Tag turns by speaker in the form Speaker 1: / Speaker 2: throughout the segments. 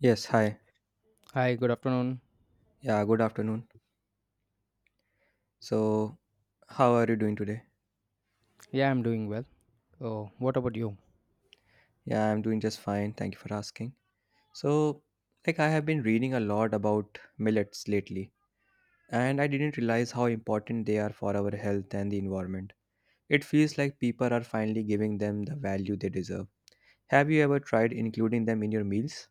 Speaker 1: Yes, hi.
Speaker 2: Hi, good afternoon.
Speaker 1: Yeah, good afternoon. So, how are you doing today?
Speaker 2: Yeah, I'm doing well. Oh, what about you?
Speaker 1: Yeah, I'm doing just fine. Thank you for asking. So, I have been reading a lot about millets lately, and I didn't realize how important they are for our health and the environment. It feels like people are finally giving them the value they deserve. Have you ever tried including them in your meals?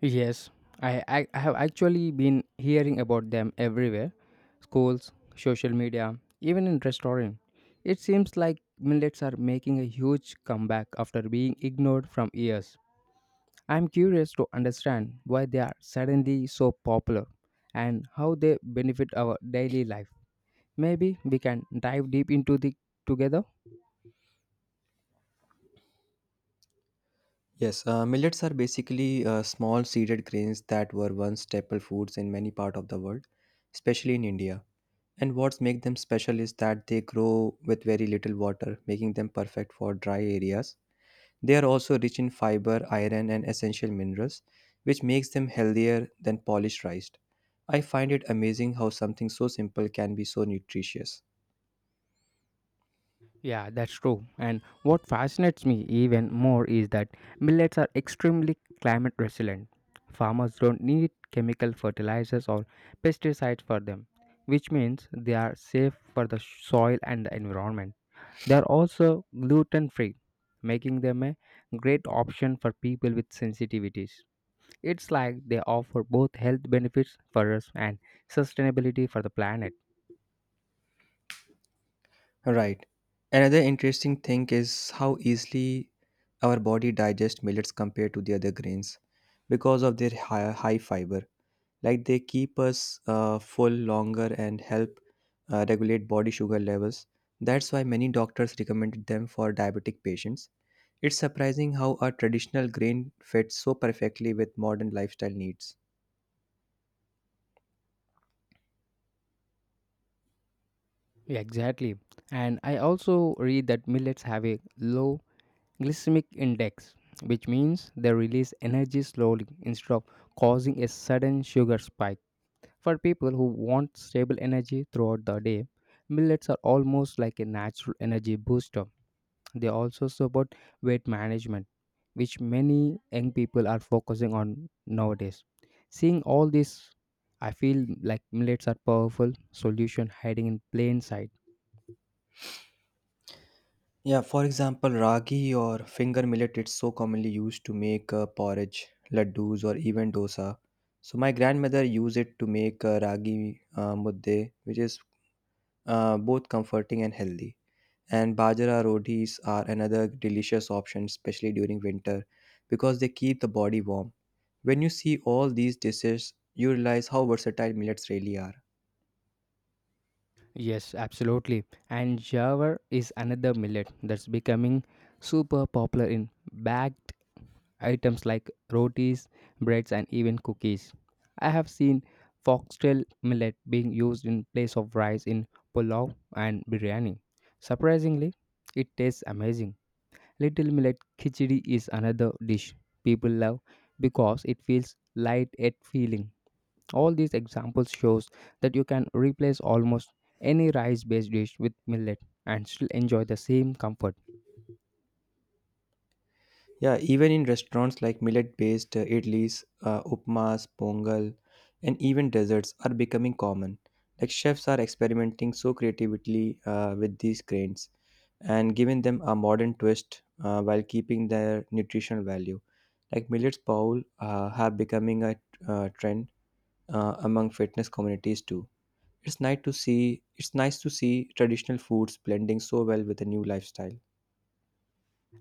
Speaker 2: Yes, I have actually been hearing about them everywhere schools, social media, even in restaurant. It seems like millets are making a huge comeback after being ignored from years. I'm curious to understand why they are suddenly so popular and how they benefit our daily life. Maybe we can dive deep into the together.
Speaker 1: Yes, millets are basically small seeded grains that were once staple foods in many parts of the world, especially in India. And what makes them special is that they grow with very little water, making them perfect for dry areas. They are also rich in fiber, iron, and essential minerals, which makes them healthier than polished rice. I find it amazing how something so simple can be so nutritious.
Speaker 2: Yeah, that's true. And what fascinates me even more is that millets are extremely climate resilient. Farmers don't need chemical fertilizers or pesticides for them, which means they are safe for the soil and the environment. They are also gluten free, making them a great option for people with sensitivities. It's like they offer both health benefits for us and sustainability for the planet.
Speaker 1: Right. Another interesting thing is how easily our body digests millets compared to the other grains because of their high fiber. Like they keep us full longer and help regulate body sugar levels. That's why many doctors recommended them for diabetic patients. It's surprising how a traditional grain fits so perfectly with modern lifestyle needs.
Speaker 2: Yeah, exactly. And I also read that millets have a low glycemic index, which means they release energy slowly instead of causing a sudden sugar spike. For people who want stable energy throughout the day, millets are almost like a natural energy booster. They also support weight management, which many young people are focusing on nowadays. Seeing all this, I feel like millets are powerful solution hiding in plain sight.
Speaker 1: Yeah, for example, ragi or finger millet, it's so commonly used to make porridge, laddus, or even dosa. So my grandmother used it to make ragi mudde, which is both comforting and healthy. And bajra rotis are another delicious option, especially during winter, because they keep the body warm. When you see all these dishes, you realize how versatile millets really are.
Speaker 2: Yes, absolutely. And jawar is another millet that's becoming super popular in bagged items like rotis, breads, and even cookies. I have seen foxtail millet being used in place of rice in pulao and biryani. Surprisingly, it tastes amazing. Little millet khichdi is another dish people love because it feels light yet feeling. All these examples shows that you can replace almost any rice-based dish with millet and still enjoy the same comfort.
Speaker 1: Yeah, even in restaurants, like millet based idlis, upmas, pongal, and even desserts are becoming common. Like chefs are experimenting so creatively with these grains and giving them a modern twist while keeping their nutritional value. Like millets bowl have becoming a trend among fitness communities too. It's nice to see traditional foods blending so well with a new lifestyle.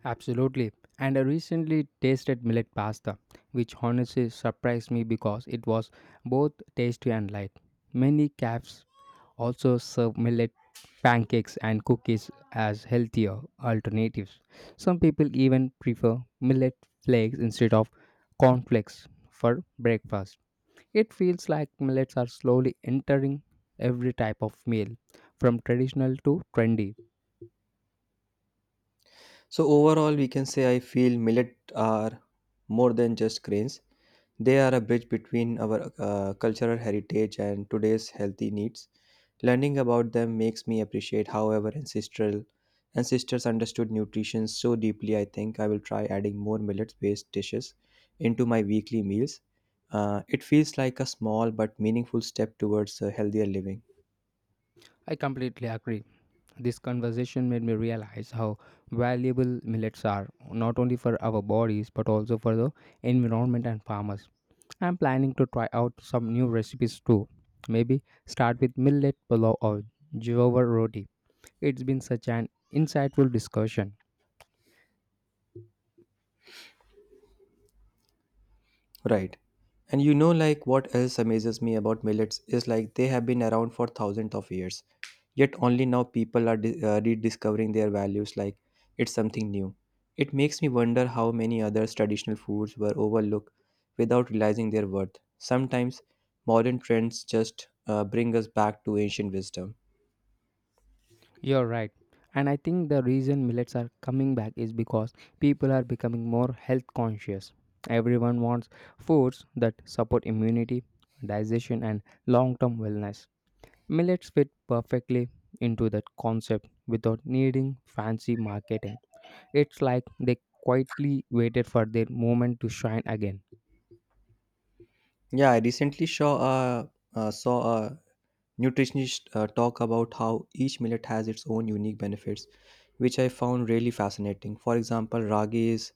Speaker 2: Absolutely. And I recently tasted millet pasta, which honestly surprised me because it was both tasty and light. Many cafes also serve millet pancakes and cookies as healthier alternatives. Some people even prefer millet flakes instead of cornflakes for breakfast. It feels like millets are slowly entering every type of meal, from traditional to trendy.
Speaker 1: So overall, we can say I feel millet are more than just grains. They are a bridge between our cultural heritage and today's healthy needs. Learning about them makes me appreciate how our ancestral ancestors understood nutrition so deeply. I think I will try adding more millet-based dishes into my weekly meals. It feels like a small but meaningful step towards a healthier living.
Speaker 2: I completely agree. This conversation made me realize how valuable millets are, not only for our bodies but also for the environment and farmers. I'm planning to try out some new recipes too. Maybe start with millet pulao or jowar roti. It's been such an insightful discussion.
Speaker 1: Right. And you know, like, what else amazes me about millets is like they have been around for thousands of years. Yet only now people are rediscovering their values like it's something new. It makes me wonder how many other traditional foods were overlooked without realizing their worth. Sometimes modern trends just bring us back to ancient wisdom.
Speaker 2: You're right. And I think the reason millets are coming back is because people are becoming more health conscious. Everyone wants foods that support immunity, digestion, and long term wellness. Millets fit perfectly into that concept without needing fancy marketing. It's like they quietly waited for their moment to shine again.
Speaker 1: Yeah, I recently saw a a nutritionists talk about how each millet has its own unique benefits, which I found really fascinating. For example, ragi is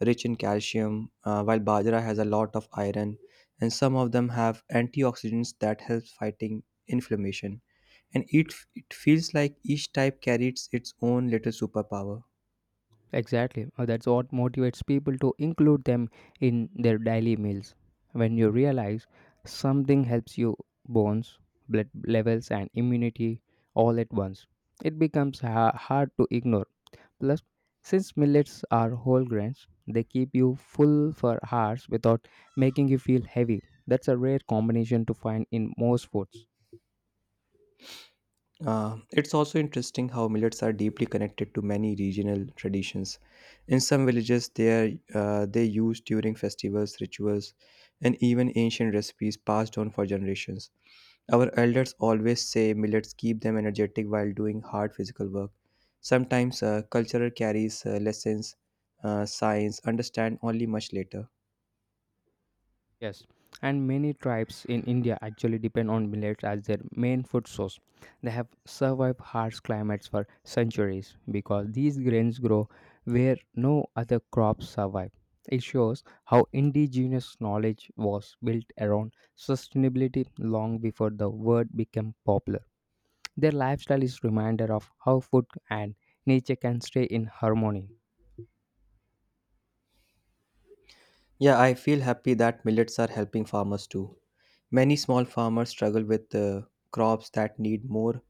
Speaker 1: rich in calcium, while bajra has a lot of iron, and some of them have antioxidants that help fighting inflammation. And it feels like each type carries its own little superpower.
Speaker 2: Exactly. That's what motivates people to include them in their daily meals. When you realize something helps you bones, blood levels, and immunity all at once, it becomes hard to ignore. Plus, since millets are whole grains, they keep you full for hours without making you feel heavy. That's a rare combination to find in most foods.
Speaker 1: It's also interesting how millets are deeply connected to many regional traditions. In some villages, they used during festivals, rituals, and even ancient recipes passed on for generations. Our elders always say millets keep them energetic while doing hard physical work. Sometimes culture carries lessons, science understand only much later.
Speaker 2: Yes, and many tribes in India actually depend on millets as their main food source. They have survived harsh climates for centuries because these grains grow where no other crops survive. It shows how indigenous knowledge was built around sustainability long before the word became popular. Their lifestyle is reminder of how food and nature can stay in harmony.
Speaker 1: Yeah, I feel happy that millets are helping farmers too. Many small farmers struggle with crops that need more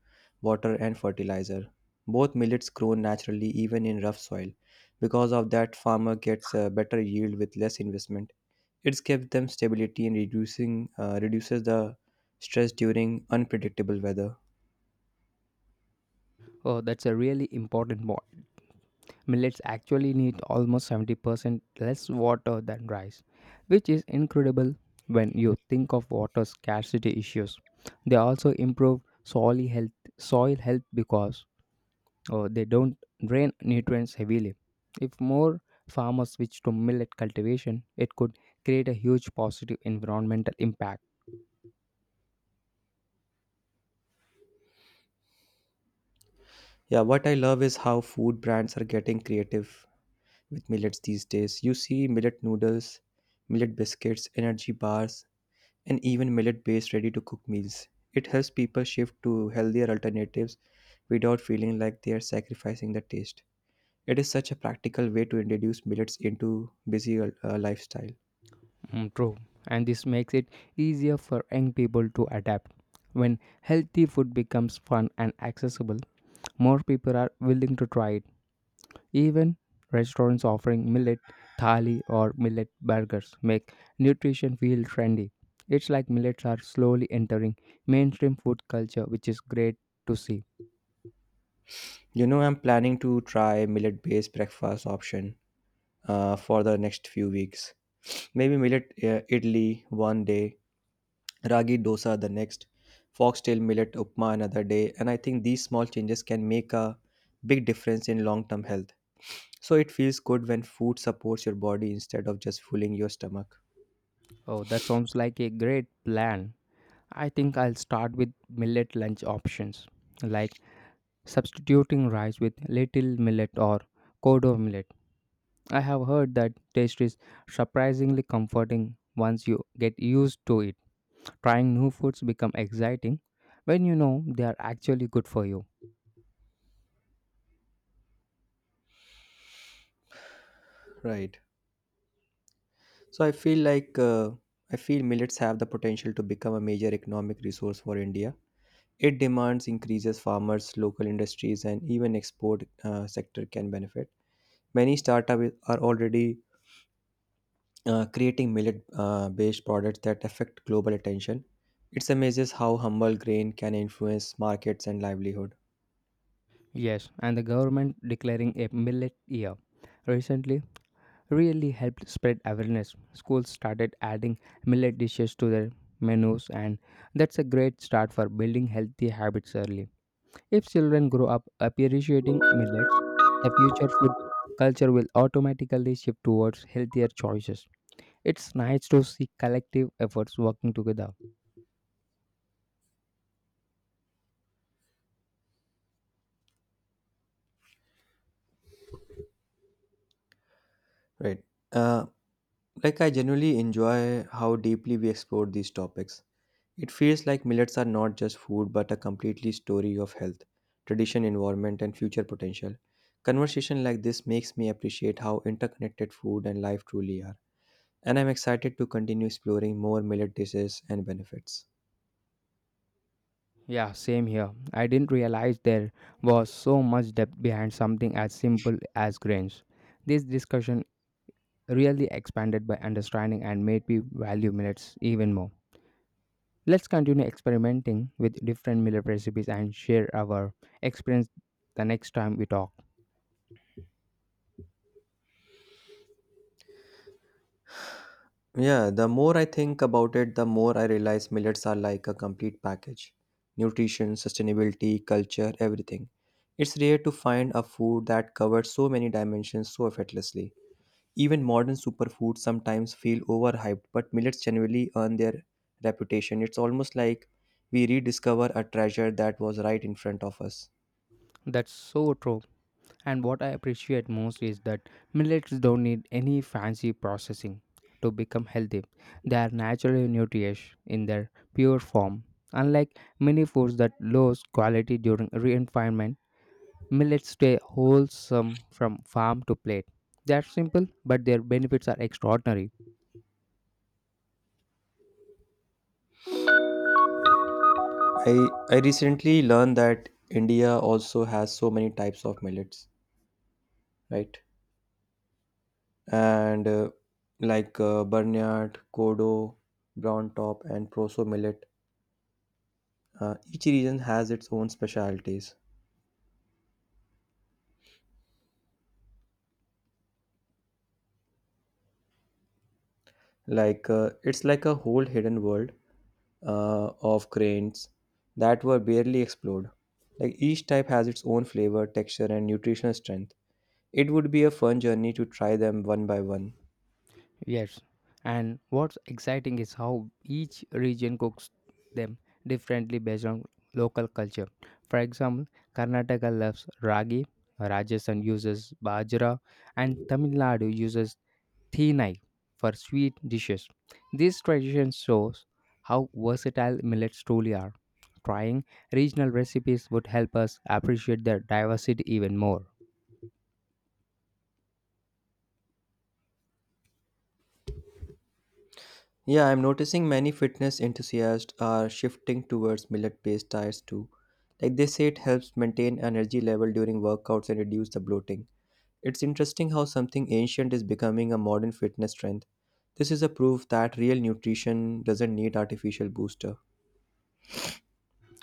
Speaker 1: water and fertilizer. Both millets grow naturally even in rough soil. Because of that, farmer gets a better yield with less investment. It's gives them stability and reducing reduces the stress during unpredictable weather.
Speaker 2: Oh, that's a really important point. Millets actually need almost 70% less water than rice, which is incredible when you think of water scarcity issues. They also improve soil health because oh, they don't drain nutrients heavily. If more farmers switch to millet cultivation, it could create a huge positive environmental impact.
Speaker 1: Yeah, what I love is how food brands are getting creative with millets these days. You see millet noodles, millet biscuits, energy bars, and even millet based ready to cook meals. It helps people shift to healthier alternatives without feeling like they are sacrificing the taste. It is such a practical way to introduce millets into busy lifestyle.
Speaker 2: Mm, true, and this makes it easier for young people to adapt. When healthy food becomes fun and accessible, more people are willing to try it. Even restaurants offering millet thali or millet burgers make nutrition feel trendy. It's like millets are slowly entering mainstream food culture, which is great to see.
Speaker 1: You know, I'm planning to try millet based breakfast option for the next few weeks. Maybe millet idli one day, ragi dosa the next, foxtail millet upma another day, and I think these small changes can make a big difference in long term health. So it feels good when food supports your body instead of just filling your stomach.
Speaker 2: Oh, that sounds like a great plan. I think I'll start with millet lunch options, like substituting rice with little millet or kodo millet. I have heard that taste is surprisingly comforting once you get used to it. Trying new foods become exciting when you know they are actually good for you.
Speaker 1: Right. So I feel millets have the potential to become a major economic resource for India. It demands increases farmers, local industries, and even export sector can benefit. Many startups are already creating millet-based products that affect global attention. It's amazes how humble grain can influence markets and livelihood.
Speaker 2: Yes, and the government declaring a millet year recently really helped spread awareness. Schools started adding millet dishes to their menus, and that's a great start for building healthy habits early. If children grow up appreciating millets, the future food culture will automatically shift towards healthier choices. It's nice to see collective efforts working together.
Speaker 1: Right. Uh, Like, I genuinely enjoy how deeply we explore these topics. It feels like millets are not just food but a completely story of health, tradition, environment, and future potential. Conversation like this makes me appreciate how interconnected food and life truly are, and I'm excited to continue exploring more millet dishes and benefits.
Speaker 2: Yeah, same here. I didn't realize there was so much depth behind something as simple as grains. This discussion really expanded by understanding and made me value millets even more. Let's continue experimenting with different meal recipes and share our experience the next time we talk.
Speaker 1: Yeah, the more I think about it, the more I realize millets are like a complete package: nutrition, sustainability, culture, everything. It's rare to find a food that covers so many dimensions so effortlessly. Even modern superfoods sometimes feel overhyped, but millets genuinely earn their reputation. It's almost like we rediscover a treasure that was right in front of us.
Speaker 2: That's so true. And what I appreciate most is that millets don't need any fancy processing to become healthy. They are naturally nutritious in their pure form, unlike many foods that lose quality during refinement. Millets stay wholesome from farm to plate. They are simple, but their benefits are extraordinary.
Speaker 1: I recently learned that India also has so many types of millets, right? And Barnyard, Kodo, Brown Top, and Proso millet. Each region has its own specialties. It's like a whole hidden world of grains that were barely explored. Like each type has its own flavor, texture, and nutritional strength. It would be a fun journey to try them one by one.
Speaker 2: Yes, and what's exciting is how each region cooks them differently based on local culture. For example, Karnataka loves ragi, Rajasthan uses bajra, and Tamil Nadu uses thinai for sweet dishes. These traditions shows how versatile millets truly are. Trying regional recipes would help us appreciate their diversity even more.
Speaker 1: Yeah, I'm noticing many fitness enthusiasts are shifting towards millet-based diets too. Like they say it helps maintain energy level during workouts and reduce the bloating. It's interesting how something ancient is becoming a modern fitness trend. This is a proof that real nutrition doesn't need artificial booster.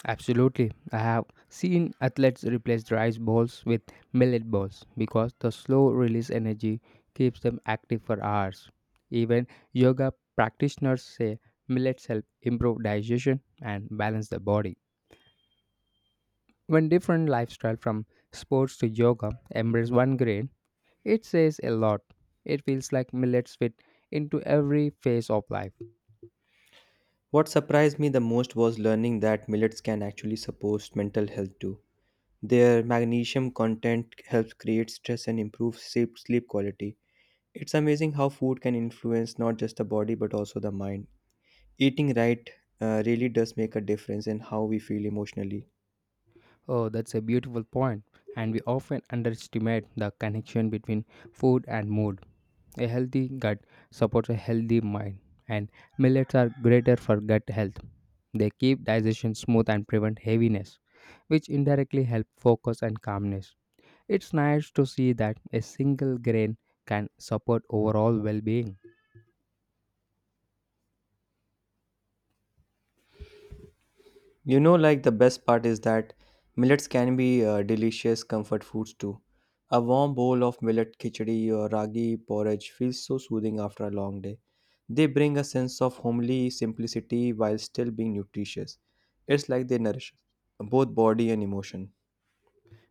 Speaker 2: Absolutely. I have seen athletes replace rice balls with millet balls because the slow release energy keeps them active for hours. Even yoga practitioners say millets help improve digestion and balance the body. When different lifestyle from sports to yoga embrace one grain, it says a lot. It feels like millets fit into every phase of life.
Speaker 1: What surprised me the most was learning that millets can actually support mental health too. Their magnesium content helps create stress and improves sleep quality. It's amazing how food can influence not just the body but also the mind. Eating right really does make a difference in how we feel emotionally.
Speaker 2: Oh, that's a beautiful point, and we often underestimate the connection between food and mood. A healthy gut supports a healthy mind, and millets are greater for gut health. They keep digestion smooth and prevent heaviness, which indirectly help focus and calmness. It's nice to see that a single grain can support overall well-being.
Speaker 1: You know, like, the best part is that millets can be delicious comfort foods too. A warm bowl of millet khichdi or ragi porridge feels so soothing after a long day. They bring a sense of homely simplicity while still being nutritious. It's like they nourish both body and emotion.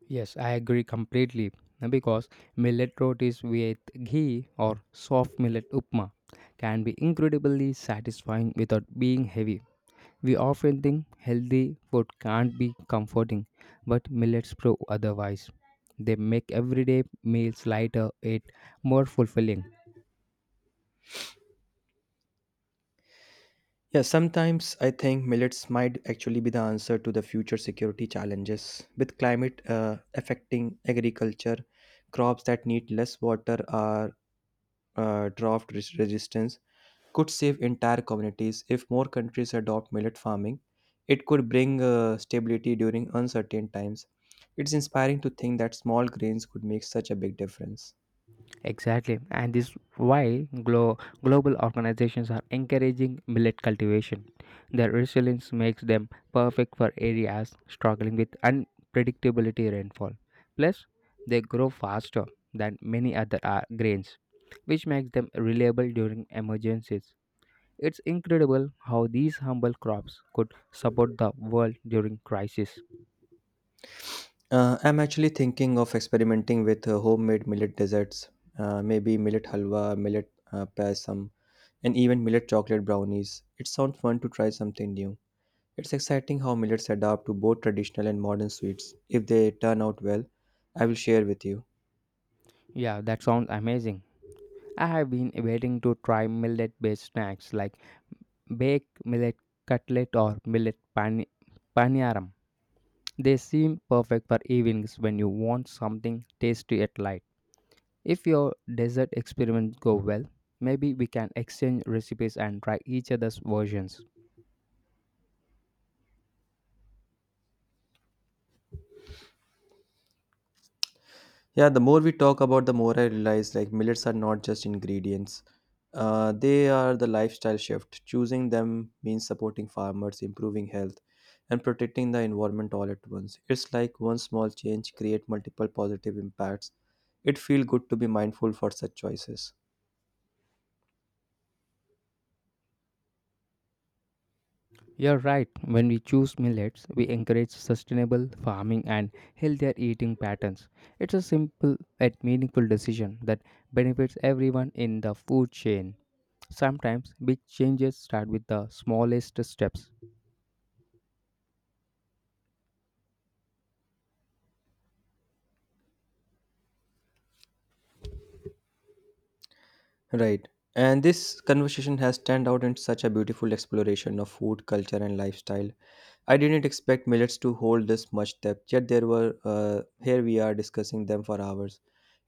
Speaker 2: Yes, I agree completely because millet rotis with ghee or soft millet upma can be incredibly satisfying without being heavy. We often think healthy food can't be comforting, but millets prove otherwise. They make everyday meals lighter yet more fulfilling.
Speaker 1: Yeah, sometimes I think millets might actually be the answer to the future security challenges. With climate affecting agriculture, crops that need less water are resistance could save entire communities. If more countries adopt millet farming, it could bring stability during uncertain times. It's inspiring to think that small grains could make such a big difference.
Speaker 2: Exactly, and this why global organizations are encouraging millet cultivation. Their resilience makes them perfect for areas struggling with unpredictability rainfall. Plus, they grow faster than many other grains, which makes them reliable during emergencies. It's incredible how these humble crops could support the world during crisis.
Speaker 1: I'm actually thinking of experimenting with homemade millet desserts, maybe millet halwa, millet pasam, and even millet chocolate brownies. It sounds fun to try something new. It's exciting how millets adapt to both traditional and modern sweets. If they turn out well, I will share with you.
Speaker 2: Yeah, that sounds amazing. I have been waiting to try millet based snacks like baked millet cutlet or millet paniyaram. They seem perfect for evenings when you want something tasty at light. If your dessert experiments go well, maybe we can exchange recipes and try each other's versions.
Speaker 1: Yeah, the more we talk about, the more I realize like millets are not just ingredients. They are the lifestyle shift. Choosing them means supporting farmers, improving health, and protecting the environment all at once. It's like one small change create multiple positive impacts. It feel good to be mindful for such choices.
Speaker 2: You're right, when we choose millets, we encourage sustainable farming and healthier eating patterns. It's a simple yet meaningful decision that benefits everyone in the food chain. Sometimes big changes start with the smallest steps.
Speaker 1: Right. And this conversation has turned out in such a beautiful exploration of food, culture, and lifestyle. I didn't expect millets to hold this much depth, yet there were. Here we are discussing them for hours.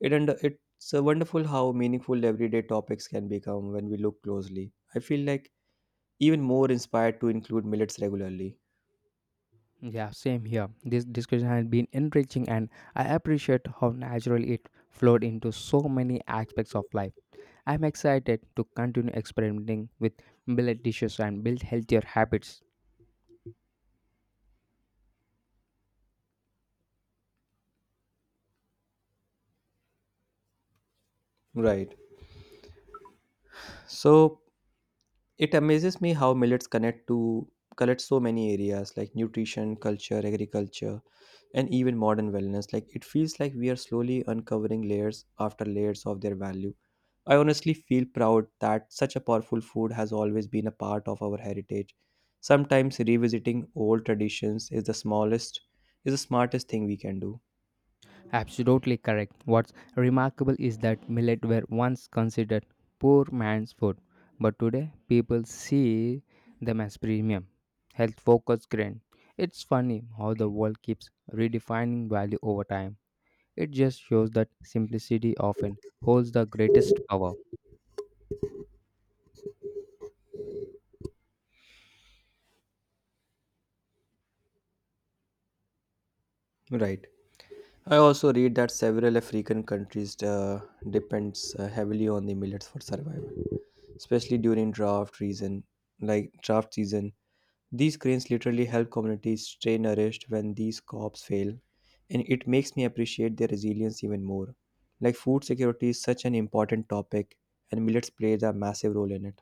Speaker 1: It's wonderful how meaningful everyday topics can become when we look closely. I feel like even more inspired to include millets regularly.
Speaker 2: Yeah, same here. This discussion has been enriching, and I appreciate how naturally it flowed into so many aspects of life. I'm excited to continue experimenting with millet dishes and build healthier habits.
Speaker 1: Right. So it amazes me how millets connect to collect so many areas like nutrition, culture, agriculture, and even modern wellness. Like it feels like we are slowly uncovering layers after layers of their value. I honestly feel proud that such a powerful food has always been a part of our heritage. Sometimes revisiting old traditions is the smartest thing we can do.
Speaker 2: Absolutely correct. What's remarkable is that millet were once considered poor man's food, but today people see them as premium, health focused grain. It's funny how the world keeps redefining value over time. It just shows that simplicity often holds the greatest power.
Speaker 1: Right. I also read that several African countries depends heavily on the millets for survival, especially during draft season. Like draft season, these cranes literally help communities stay nourished when these crops fail, and it makes me appreciate their resilience even more. Like food security is such an important topic, and millets play a massive role in it.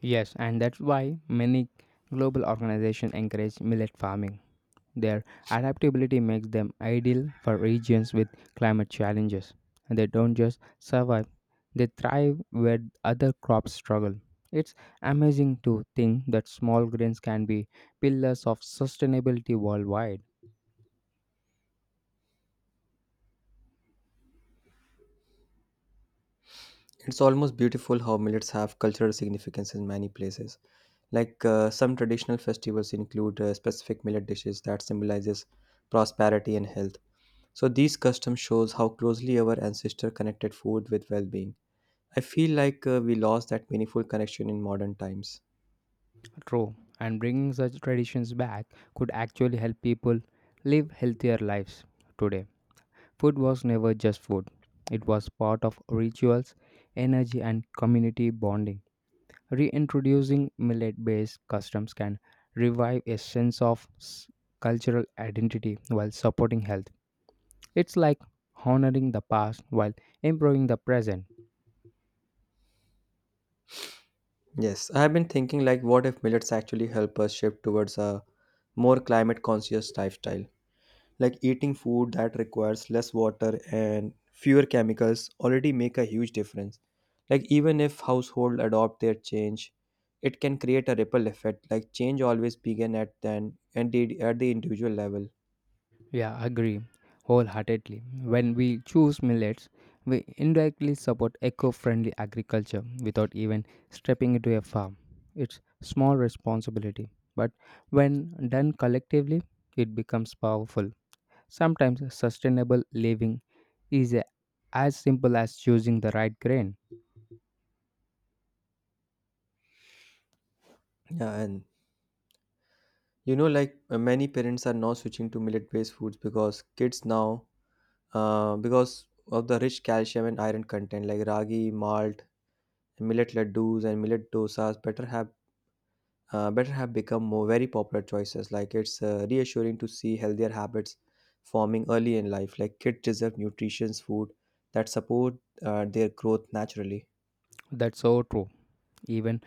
Speaker 2: Yes, and that's why many global organizations encourage millet farming. Their adaptability makes them ideal for regions with climate challenges. And they don't just survive, they thrive where other crops struggle. It's amazing to think that small grains can be pillars of sustainability worldwide.
Speaker 1: It's almost beautiful how millets have cultural significance in many places. Like some traditional festivals include specific millet dishes that symbolizes prosperity and health. So these customs shows how closely our ancestor connected food with well-being. I feel like we lost that meaningful connection in modern times.
Speaker 2: True, and bringing such traditions back could actually help people live healthier lives today. Food was never just food, it was part of rituals, energy, and community bonding. Reintroducing millet based customs can revive a sense of cultural identity while supporting health. It's like honoring the past while improving the present.
Speaker 1: Yes, I have been thinking like what if millets actually help us shift towards a more climate conscious lifestyle? Like eating food that requires less water and fewer chemicals already make a huge difference. Like even if household adopt their change, it can create a ripple effect. Like change always begin at then and did at the individual level.
Speaker 2: Yeah, agree wholeheartedly. When we choose millets, we indirectly support eco friendly agriculture without even stepping into a farm. It's small responsibility, but when done collectively, it becomes powerful. Sometimes sustainable living is as simple as choosing the right grain.
Speaker 1: Yeah, and you know, like, many parents are now switching to millet based foods because kids now because of the rich calcium and iron content, like ragi, malt, millet laddus, and millet dosas better have become more very popular choices. Like it's reassuring to see healthier habits forming early in life. Like kids deserve nutritious food that support their growth naturally.
Speaker 2: That's so true. Even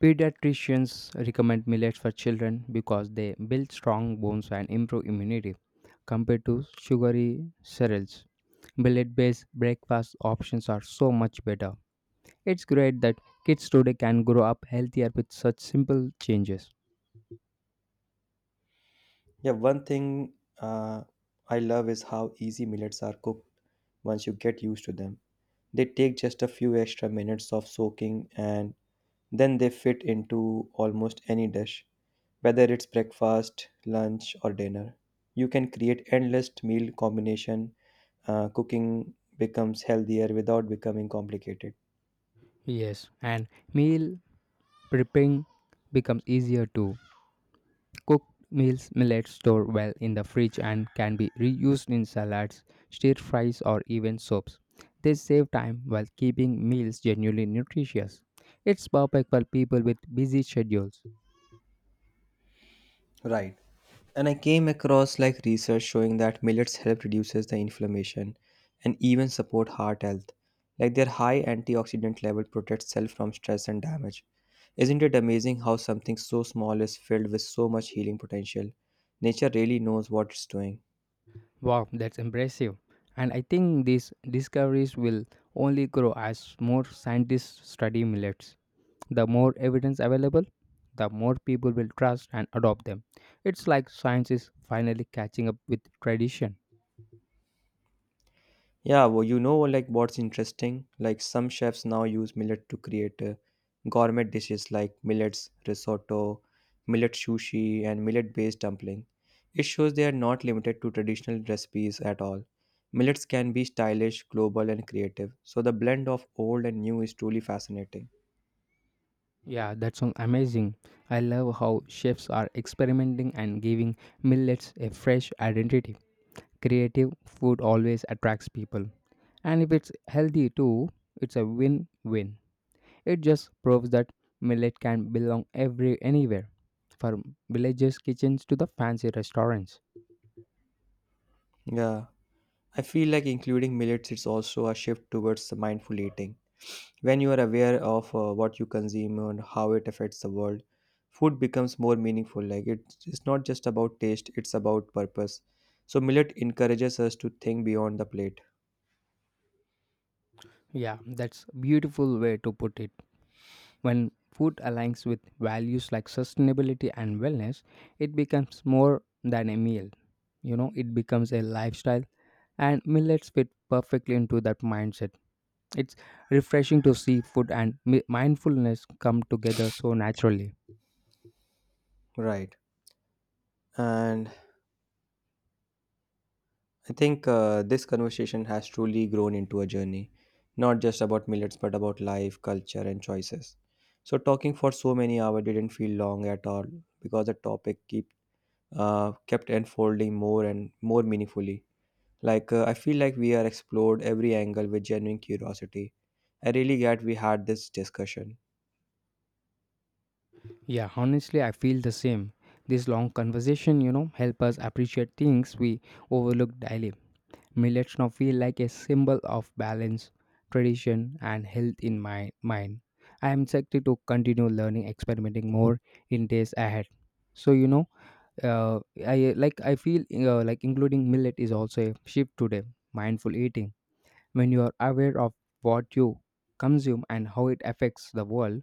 Speaker 2: pediatricians recommend millets for children because they build strong bones and improve immunity compared to sugary cereals. Millet based breakfast options are so much better. It's great that kids today can grow up healthier with such simple changes.
Speaker 1: Yeah, one thing uh, I love is how easy millets are cooked once you get used to them. They take just a few extra minutes of soaking and then they fit into almost any dish, whether it's breakfast, lunch, or dinner. You can create endless meal combination. Cooking becomes healthier without becoming complicated.
Speaker 2: Yes, and meal prepping becomes easier too. Cooked meals millets store well in the fridge and can be reused in salads, stir fries, or even soups. They save time while keeping meals genuinely nutritious. It's perfect for people with busy schedules.
Speaker 1: Right. And I came across like research showing that millets help reduces the inflammation and even support heart health. Like their high antioxidant level protects cell from stress and damage. Isn't it amazing how something so small is filled with so much healing potential? Nature really knows what it's doing.
Speaker 2: Wow, that's impressive. And I think these discoveries will only grow as more scientists study millets. The more evidence available, the more people will trust and adopt them. It's like science is finally catching up with tradition.
Speaker 1: Yeah, well, you know, like, what's interesting? Like some chefs now use millet to create gourmet dishes like millets risotto, millet sushi, and millet-based dumpling. It shows they are not limited to traditional recipes at all. Millets can be stylish, global, and creative. So the blend of old and new is truly fascinating.
Speaker 2: Yeah, that sounds amazing. I love how chefs are experimenting and giving millets a fresh identity. Creative food always attracts people. And if it's healthy too, it's a win win. It just proves that millet can belong every anywhere, from villagers' kitchens to the fancy restaurants.
Speaker 1: Yeah, I feel like including millets is also a shift towards mindful eating. When you are aware of what you consume and how it affects the world, food becomes more meaningful. Like it's not just about taste, it's about purpose. So millet encourages us to think beyond the plate.
Speaker 2: Yeah, that's beautiful way to put it. When food aligns with values like sustainability and wellness, it becomes more than a meal. You know, it becomes a lifestyle and millets fit perfectly into that mindset. It's refreshing to see food and mindfulness come together so naturally.
Speaker 1: Right. And I think this conversation has truly grown into a journey, not just about millets, but about life, culture, and choices. So talking for so many hours didn't feel long at all because the kept unfolding more and more meaningfully. Like, I feel like we are explored every angle with genuine curiosity. I really glad we had this discussion.
Speaker 2: Yeah, honestly, I feel the same. This long conversation, you know, help us appreciate things we overlook daily. Millets now feel like a symbol of balance, tradition, and health in my mind. I am excited to continue learning, experimenting more in days ahead. So uh, I like I feel like including millet is also a shift today. Mindful eating when you are aware of what you consume and how it affects the world,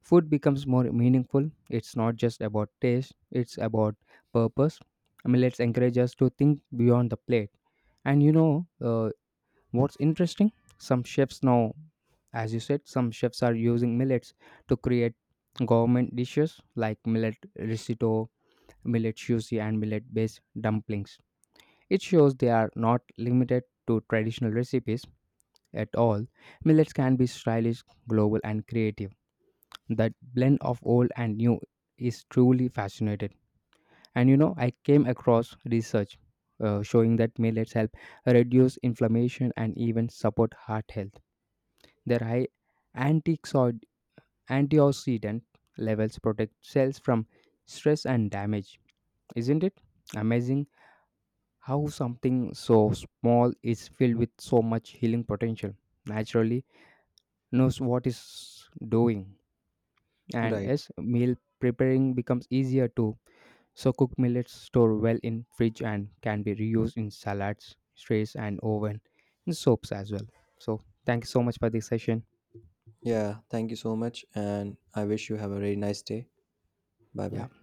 Speaker 2: food becomes more meaningful. It's not just about taste, it's about purpose. I mean, let's encourage us to think beyond the plate. And what's interesting? Some chefs now, as you said, some chefs are using millets to create government dishes like millet risotto, millet sushi, and millet based dumplings. It shows they are not limited to traditional recipes at all, millets can be stylish, global, and creative. That blend of old and new is truly fascinating. And you know, I came across research showing that millets help reduce inflammation and even support heart health. Their high antioxid- antioxidant levels protect cells from stress and damage. Isn't it amazing how something so small is filled with so much healing potential? Naturally, knows what is doing. And
Speaker 1: Right.
Speaker 2: yes, meal preparing becomes easier too, so cooked millets store well in fridge and can be reused in salads, strays, and oven in soaps as well. So thank you so much for this session.
Speaker 1: Yeah. Thank you so much. And I wish you have a very nice day. Bye bye.
Speaker 2: Yeah.